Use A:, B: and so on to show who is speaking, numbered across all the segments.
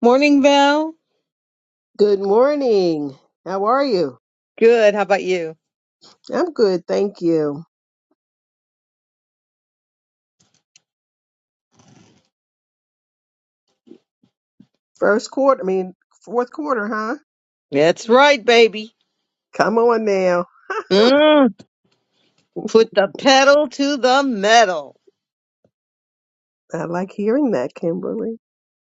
A: Morning, Val.
B: Good morning. How are you?
A: Good. How about you?
B: I'm good, thank you. First quarter, I mean, fourth quarter, huh?
A: That's right, baby.
B: Come on now.
A: Mm, put the pedal to the metal.
B: I like hearing that, Kimberly.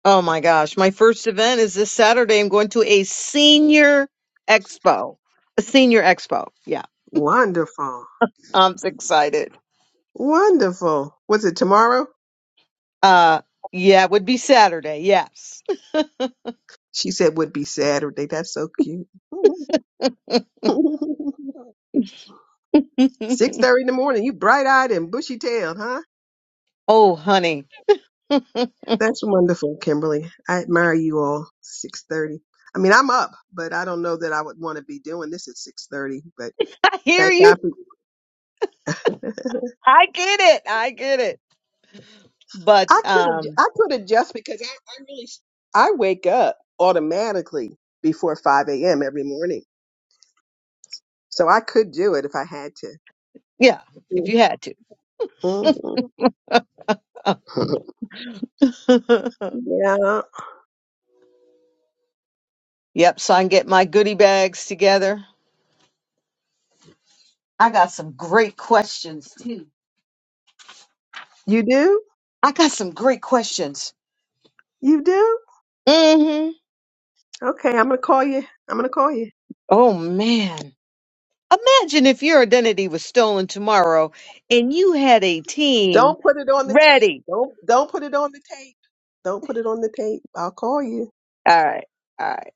A: Oh my gosh. My first event is this Saturday. I'm going to a senior expo. A senior expo. Yeah.
B: Wonderful.
A: I'm so excited.
B: Wonderful. Was it tomorrow?
A: Uh yeah, it would be Saturday, yes.
B: She said would be Saturday. That's so cute. 6:30 in the morning. You bright-eyed and bushy-tailed, huh?
A: oh, honey.
B: That's wonderful, Kimberly. I admire you all. 6:30. I mean, I'm up, but I don't know that I would want to be doing this at 6:30, but
A: I hear
B: thank God
A: you.
B: for
A: I get it. I get it. But
B: I could have
A: um,
B: I could adjust because I, I really I wake up automatically before five a.m. every morning, so I could do it if I had
A: yeah, if
B: to.
A: you had
B: hmm
A: to.
B: yeah,
A: yep. So I can get my goodie bags together. I got some great questions too.
B: you do,
A: I got some great questions.
B: you do.
A: Mm hmm
B: Okay, I'm gonna call you. I'm gonna call you.
A: Oh man. Imagine if your identity was stolen tomorrow and you had a team
B: Don't put it on the tape.
A: ready.
B: Don't don't put it on the tape. Don't put it on the tape. I'll call you.
A: All right. All right.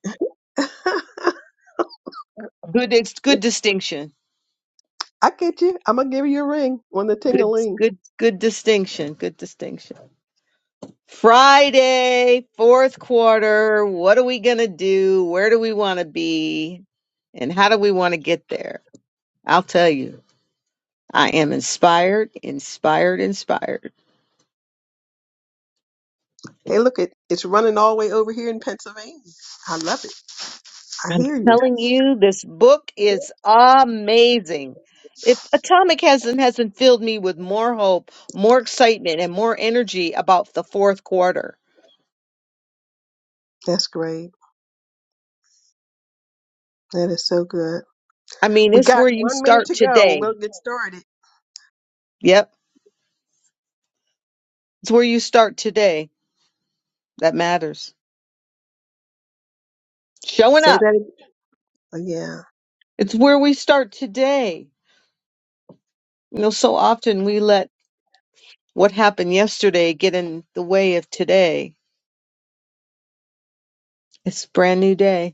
A: Good ex- good distinction.
B: I get you. I'm gonna give you a ring on the
A: Good
B: ting-a-ling.
A: good good distinction. Good distinction. Friday, fourth quarter. What are we going to do? Where do we want to be? And how do we want to get there? I'll tell you. I am inspired, inspired, inspired.
B: Hey, look it. It's running all the way over here in Pennsylvania. I love it. I
A: I'm
B: hear you.
A: telling you, this book is amazing. If Atomic hasn't hasn't filled me with more hope, more excitement, and more energy about the fourth quarter.
B: That's great. That is so good.
A: I mean,
B: We
A: it's
B: got
A: where you
B: one minute
A: start
B: to go and
A: today.
B: we'll get started.
A: Yep. It's where you start today. That matters. Showing
B: Say
A: up.
B: that. again. Oh, yeah.
A: It's where we start today. You know, so often we let what happened yesterday get in the way of today. It's a brand new day.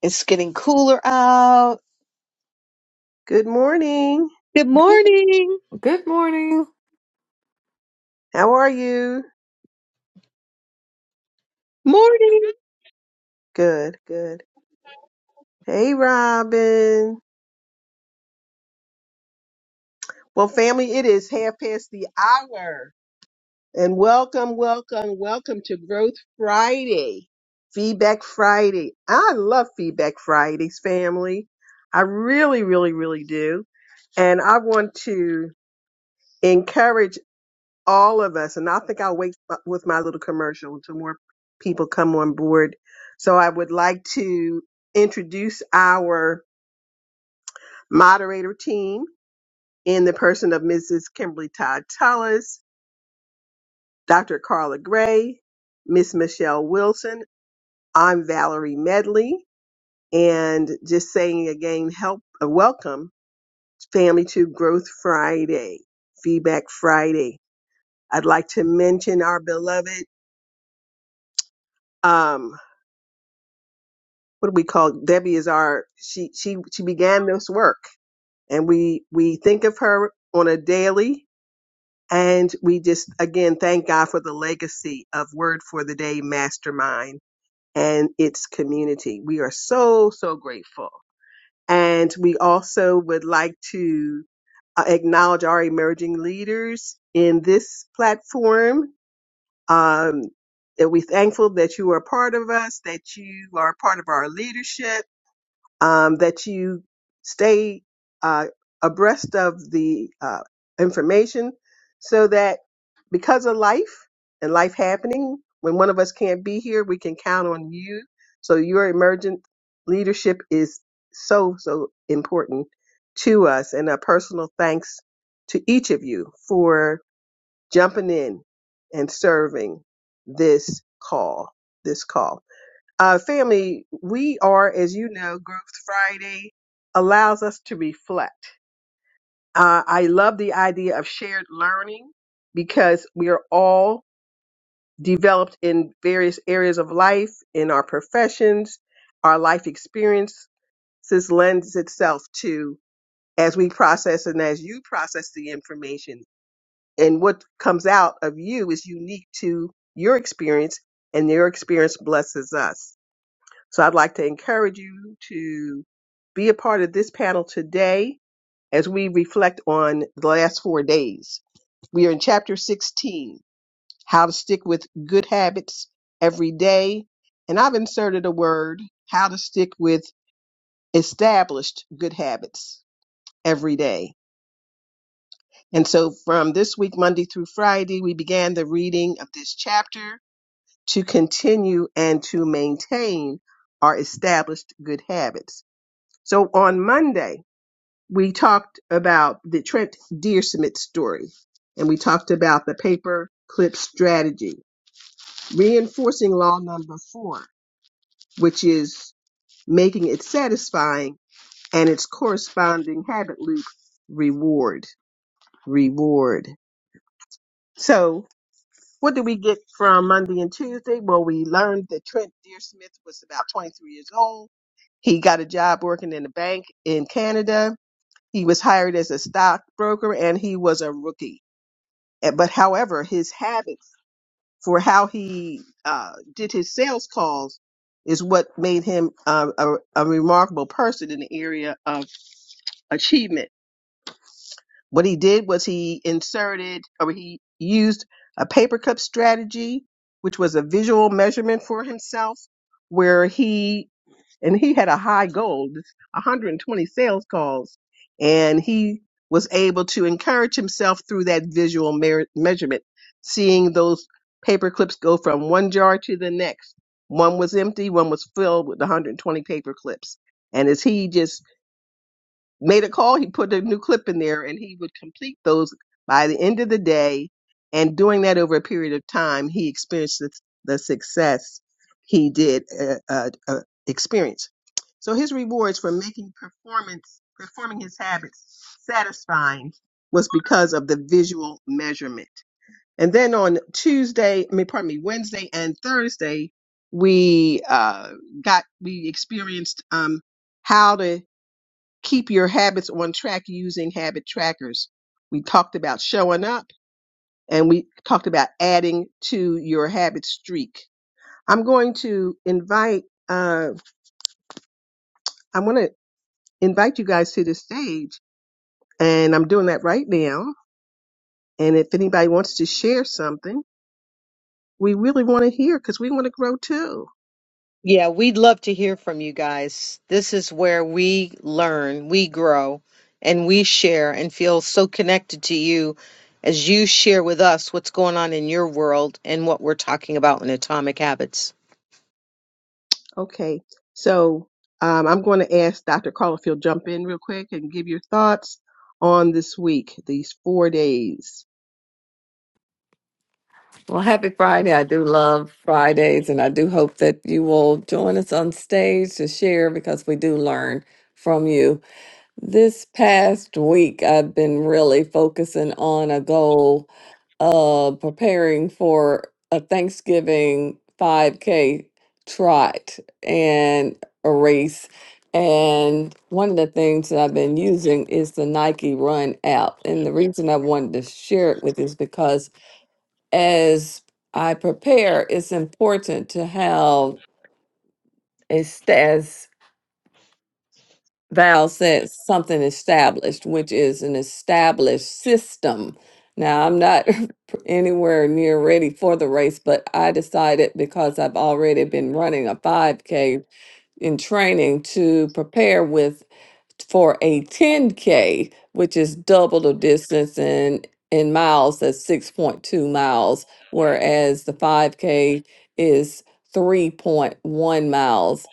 A: It's getting cooler out.
B: Good morning.
A: Good morning.
C: Good morning.
B: How are you?
A: Morning.
B: Good, good. Hey, Robin. Well, family, it is half past the hour. And welcome, welcome, welcome to Growth Friday, Feedback Friday. I love Feedback Fridays, family. I really, really, really do. And I want to encourage all of us, and I think I'll wait f- with my little commercial until more people come on board. So I would like to introduce our moderator team in the person of Mrs. Kimberly Todd Tullis, Dr. Carla Gray, Miss Michelle Wilson. I'm Valerie Medley, and just saying again, help uh, welcome Family to Growth Friday, Feedback Friday. I'd like to mention our beloved um, what do we call Debbie is our she she she began this work and we we think of her on a daily and we just again thank God for the legacy of Word for the Day Mastermind and its community. We are so so grateful. And we also would like to uh, acknowledge our emerging leaders in this platform. Um, that we're thankful that you are part of us, that you are part of our leadership um, that you stay uh, abreast of the uh, information so that because of life and life happening, when one of us can't be here, we can count on you. So your emergent leadership is so, so important to us. And a personal thanks to each of you for jumping in and serving this call, this call. Uh, family, we are, as you know, Growth Friday allows us to reflect. Uh, I love the idea of shared learning because we are all developed in various areas of life, in our professions, our life experiences lends itself to as we process and as you process the information. And what comes out of you is unique to your experience, and your experience blesses us. So I'd like to encourage you to be a part of this panel today as we reflect on the last four days. We are in chapter 16, how to stick with good habits every day. And I've inserted a word, how to stick with established good habits every day. And so from this week, Monday through Friday, we began the reading of this chapter to continue and to maintain our established good habits. So on Monday, we talked about the Trent Dearsmith story and we talked about the paper clip strategy, reinforcing law number four, which is making it satisfying and its corresponding habit loop reward, reward. So what did we get from Monday and Tuesday? Well, we learned that Trent Dearsmith was about 23 years old. He got a job working in a bank in Canada He was hired as a stockbroker and he was a rookie. Eh, But however, his habit for how he uh, did his sales calls is what made him uh, a, a remarkable person in the area of achievement. What he did was he inserted or he used a paper cup strategy, which was a visual measurement for himself, where he and he had a high goal, 120 sales calls, and he was able to encourage himself through that visual mer- measurement, seeing those paper clips go from one jar to the next. One was empty, one was filled with 120 paper clips, and as he just made a call. He put a new clip in there and he would complete those by the end of the day. And doing that over a period of time, he experienced the, the success he did uh, uh, uh, experience. So his rewards for making performance, performing his habits satisfying was because of the visual measurement. And then on Tuesday, I mean, pardon me, Wednesday and Thursday, we uh, got, we experienced um, how to keep your habits on track using habit trackers. We talked about showing up and we talked about adding to your habit streak. I'm going to invite, uh, I want to invite you guys to the stage and I'm doing that right now. And if anybody wants to share something, we really want to hear because we want to grow too.
A: Yeah, we'd love to hear from you guys. This is where we learn, we grow, and we share and feel so connected to you as you share with us what's going on in your world and what we're talking about in Atomic Habits.
B: Okay, so um, I'm going to ask Dr. Carla if you'll jump in real quick and give your thoughts on this week, these four days.
C: Well, happy Friday. I do love Fridays, and I do hope that you will join us on stage to share because we do learn from you. This past week, I've been really focusing on a goal of preparing for a Thanksgiving 5K trot and a race. And one of the things that I've been using is the Nike Run app. And the reason I wanted to share it with you is because as I prepare, it's important to have a stats. Val said something established, which is an established system. Now, I'm not anywhere near ready for the race, but I decided because I've already been running a 5K in training to prepare with for a 10K, which is double the distance and in miles, that's 6.2 miles, whereas the 5K is 3.1 miles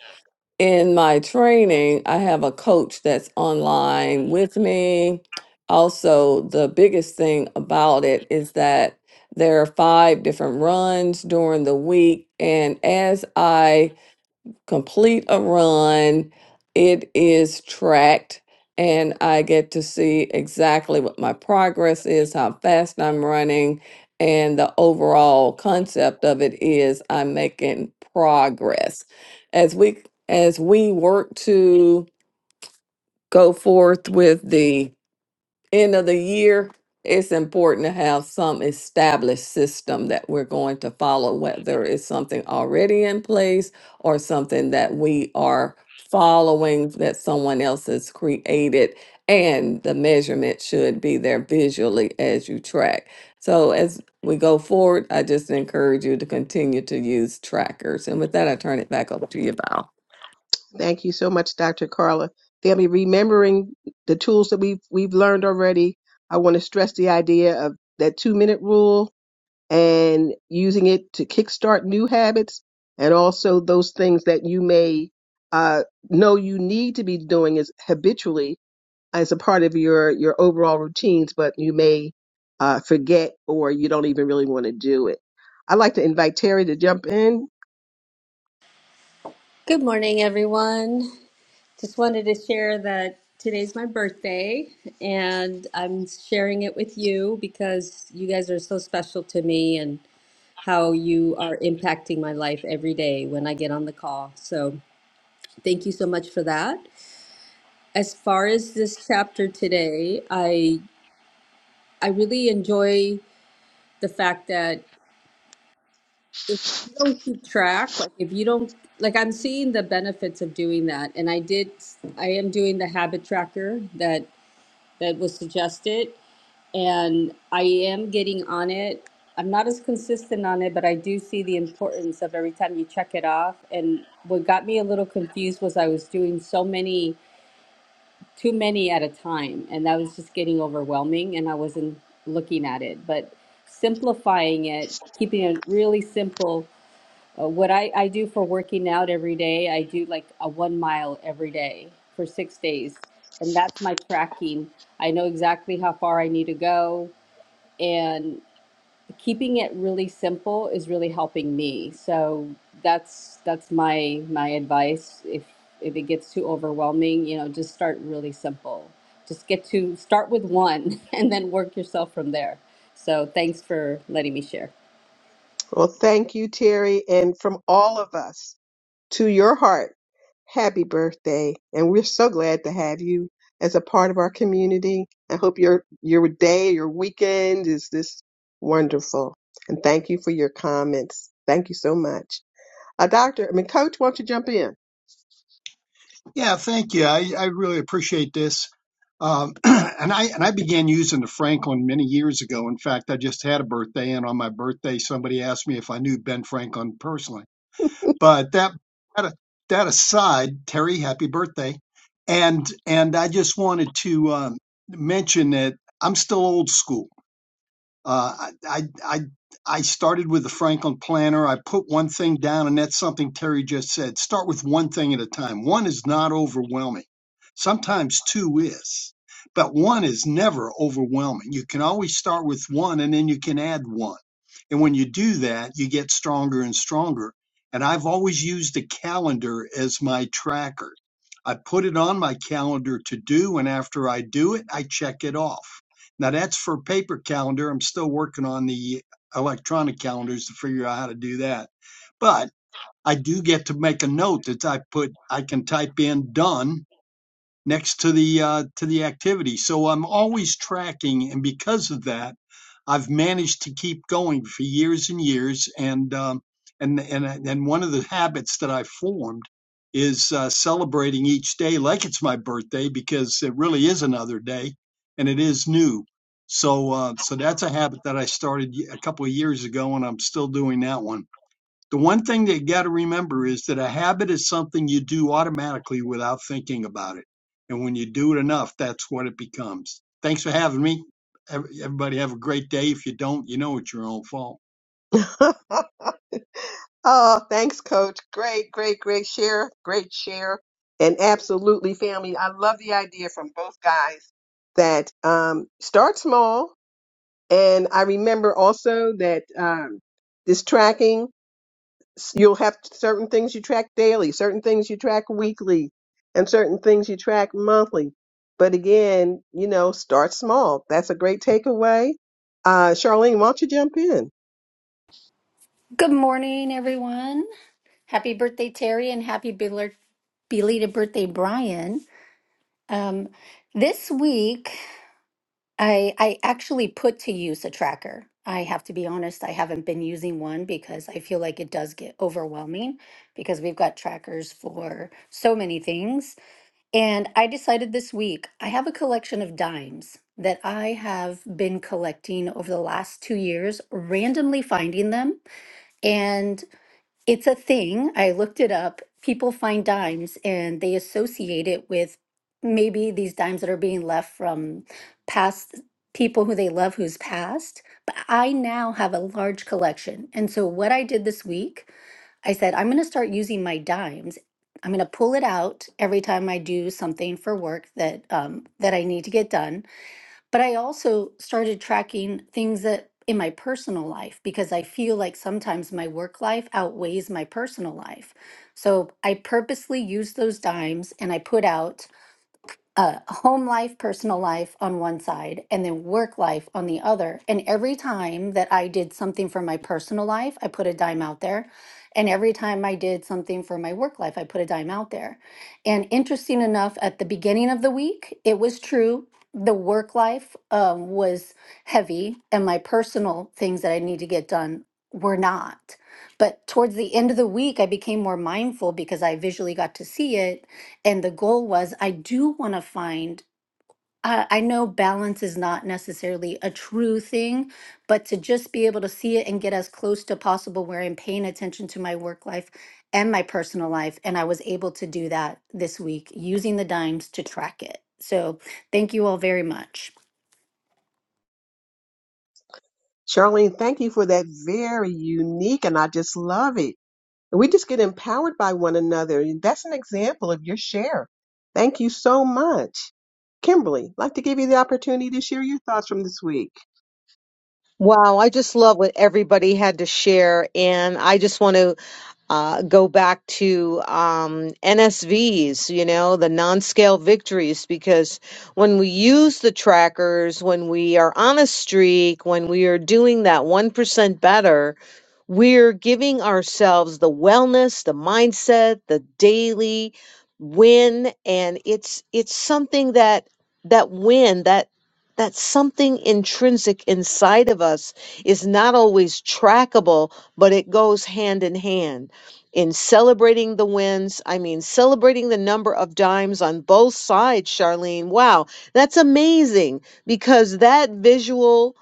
C: in my training, I have a coach that's online with me. Also, the biggest thing about it is that there are five different runs during the week. And as I complete a run. It is tracked, and I get to see exactly what my progress is, how fast I'm running, and the overall concept of it is I'm making progress. As we as we work to go forth with the end of the year, it's important to have some established system that we're going to follow, whether it's something already in place or something that we are following that someone else has created. And the measurement should be there visually as you track. So, as we go forward, I just encourage you to continue to use trackers. And with that, I turn it back over to you, Val.
B: Thank you so much, Dr. Carla. Family, remembering the tools that we've we've learned already, I want to stress the idea of that two minute rule and using it to kickstart new habits, and also those things that you may uh, know you need to be doing is habitually as a part of your your overall routines, but you may uh, forget or you don't even really want to do it. I'd like to invite Terry to jump in.
D: Good morning, everyone. Just wanted to share that today's my birthday, and I'm sharing it with you because you guys are so special to me and how you are impacting my life every day when I get on the call. So, thank you so much for that. As far as this chapter today, I I really enjoy the fact that you don't keep track. Like if you don't like I'm seeing the benefits of doing that. And I did I am doing the habit tracker that that was suggested, and I am getting on it. I'm not as consistent on it, but I do see the importance of every time you check it off. And what got me a little confused was I was doing so many, too many at a time, and that was just getting overwhelming, and I wasn't looking at it. But simplifying it, keeping it really simple, uh, what I, I do for working out every day, I do like a one mile every day for six days. And that's my tracking. I know exactly how far I need to go. And keeping it really simple is really helping me. So that's that's my my advice. If if it gets too overwhelming, you know, just start really simple. Just get to start with one and then work yourself from there. So thanks for letting me share.
B: Well, thank you, Terry, and from all of us. to your heart, happy birthday. And we're so glad to have you as a part of our community. I hope your your day, your weekend is this wonderful. And thank you for your comments. Thank you so much. Uh, doctor, I mean, coach, why don't you jump in?
E: Yeah, thank you. I, I really appreciate this. Um, and I and I began using the Franklin many years ago. In fact, I just had a birthday, and on my birthday, somebody asked me if I knew Ben Franklin personally. But that that, that aside, Terry, happy birthday! And and I just wanted to um, mention that I'm still old school. Uh, I, I, I I started with the Franklin Planner. I put one thing down, and that's something Terry just said. Start with one thing at a time. One is not overwhelming. Sometimes two is, but one is never overwhelming. You can always start with one, and then you can add one. And when you do that, you get stronger and stronger. And I've always used a calendar as my tracker. I put it on my calendar to do, and after I do it, I check it off now that's for paper calendar. I'm still working on the electronic calendars to figure out how to do that. But I do get to make a note that I put, I can type in done next to the uh, to the activity. So I'm always tracking, and because of that, I've managed to keep going for years and years. And um, and and and one of the habits that I formed is uh, celebrating each day like it's my birthday because it really is another day, and it is new. So uh, so that's a habit that I started a couple of years ago, and I'm still doing that one. The one thing that you got to remember is that a habit is something you do automatically without thinking about it. And when you do it enough, that's what it becomes. Thanks for having me. Everybody have a great day. If you don't, you know it's your own fault.
B: oh, thanks, coach. Great, great, great share. Great share. And absolutely, family. I love the idea from both guys that um, start small And I remember also that um, this tracking, s- you'll have certain things you track daily, certain things you track weekly, and certain things you track monthly. But again, you know, start small. That's a great takeaway. Uh, Charlene, why don't you jump in?
F: Good morning, everyone. Happy birthday, Terry, and happy bel- belated birthday, Brian. Um, this week, I, I actually put to use a tracker. I have to be honest, I haven't been using one because I feel like it does get overwhelming because we've got trackers for so many things. And I decided this week, I have a collection of dimes that I have been collecting over the last two years, randomly finding them. and. It's a thing. I looked it up. People find dimes and they associate it with maybe these dimes that are being left from past people who they love who's passed. But I now have a large collection. And so, what I did this week, I said, I'm going to start using my dimes. I'm going to pull it out every time I do something for work that um, that I need to get done but I also started tracking things that in my personal life because I feel like sometimes my work life outweighs my personal life. So I purposely use those dimes and I put out uh, home life, personal life on one side, and then work life on the other. And every time that I did something for my personal life, I put a dime out there. And every time I did something for my work life, I put a dime out there. And interesting enough, at the beginning of the week, it was true. The work life um, was heavy, and my personal things that I need to get done were not. But towards the end of the week, I became more mindful because I visually got to see it and the goal was I do want to find. I I know balance is not necessarily a true thing, but to just be able to see it and get as close to possible where I'm paying attention to my work life and my personal life. And I was able to do that this week using the dimes to track it. So thank you all very much.
B: Charlene, thank you for that very unique, and I just love it. And we just get empowered by one another. And that's an example of your share. Thank you so much. Kimberly, I'd like to give you the opportunity to share your thoughts from this week.
A: Wow, I just love what everybody had to share. And I just want to uh, go back to um, NSVs, you know, the non scale victories, because when we use the trackers, when we are on a streak, when we are doing that 1% better, we're giving ourselves the wellness, the mindset, the daily win and it's it's something that that win that that something intrinsic inside of us is not always trackable but it goes hand in hand in celebrating the wins. I mean, celebrating the number of dimes on both sides, Charlene. Wow, that's amazing because that visual,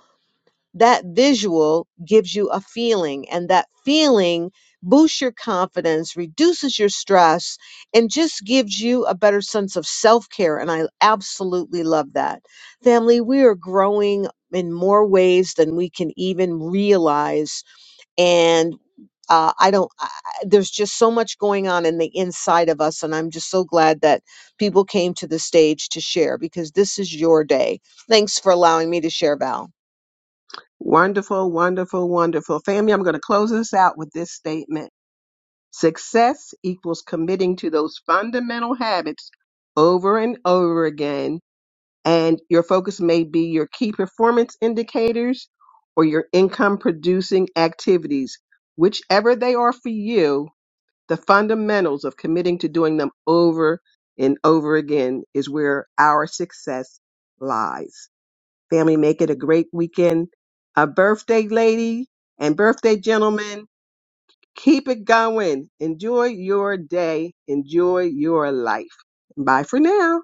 A: that visual gives you a feeling, and that feeling boosts your confidence, reduces your stress, and just gives you a better sense of self care. And I absolutely love that. Family, we are growing in more ways than we can even realize and uh, I don't. I, I- there's just so much going on in the inside of us, and I'm just so glad that people came to the stage to share because this is your day. Thanks for allowing me to share, Val.
B: Wonderful, wonderful, wonderful. Family, I'm going to close us out with this statement. Success equals committing to those fundamental habits over and over again. And your focus may be your key performance indicators or your income producing activities. Whichever they are for you, the fundamentals of committing to doing them over and over again is where our success lies. Family, make it a great weekend. A birthday lady and birthday gentleman, keep it going. Enjoy your day. Enjoy your life. Bye for now.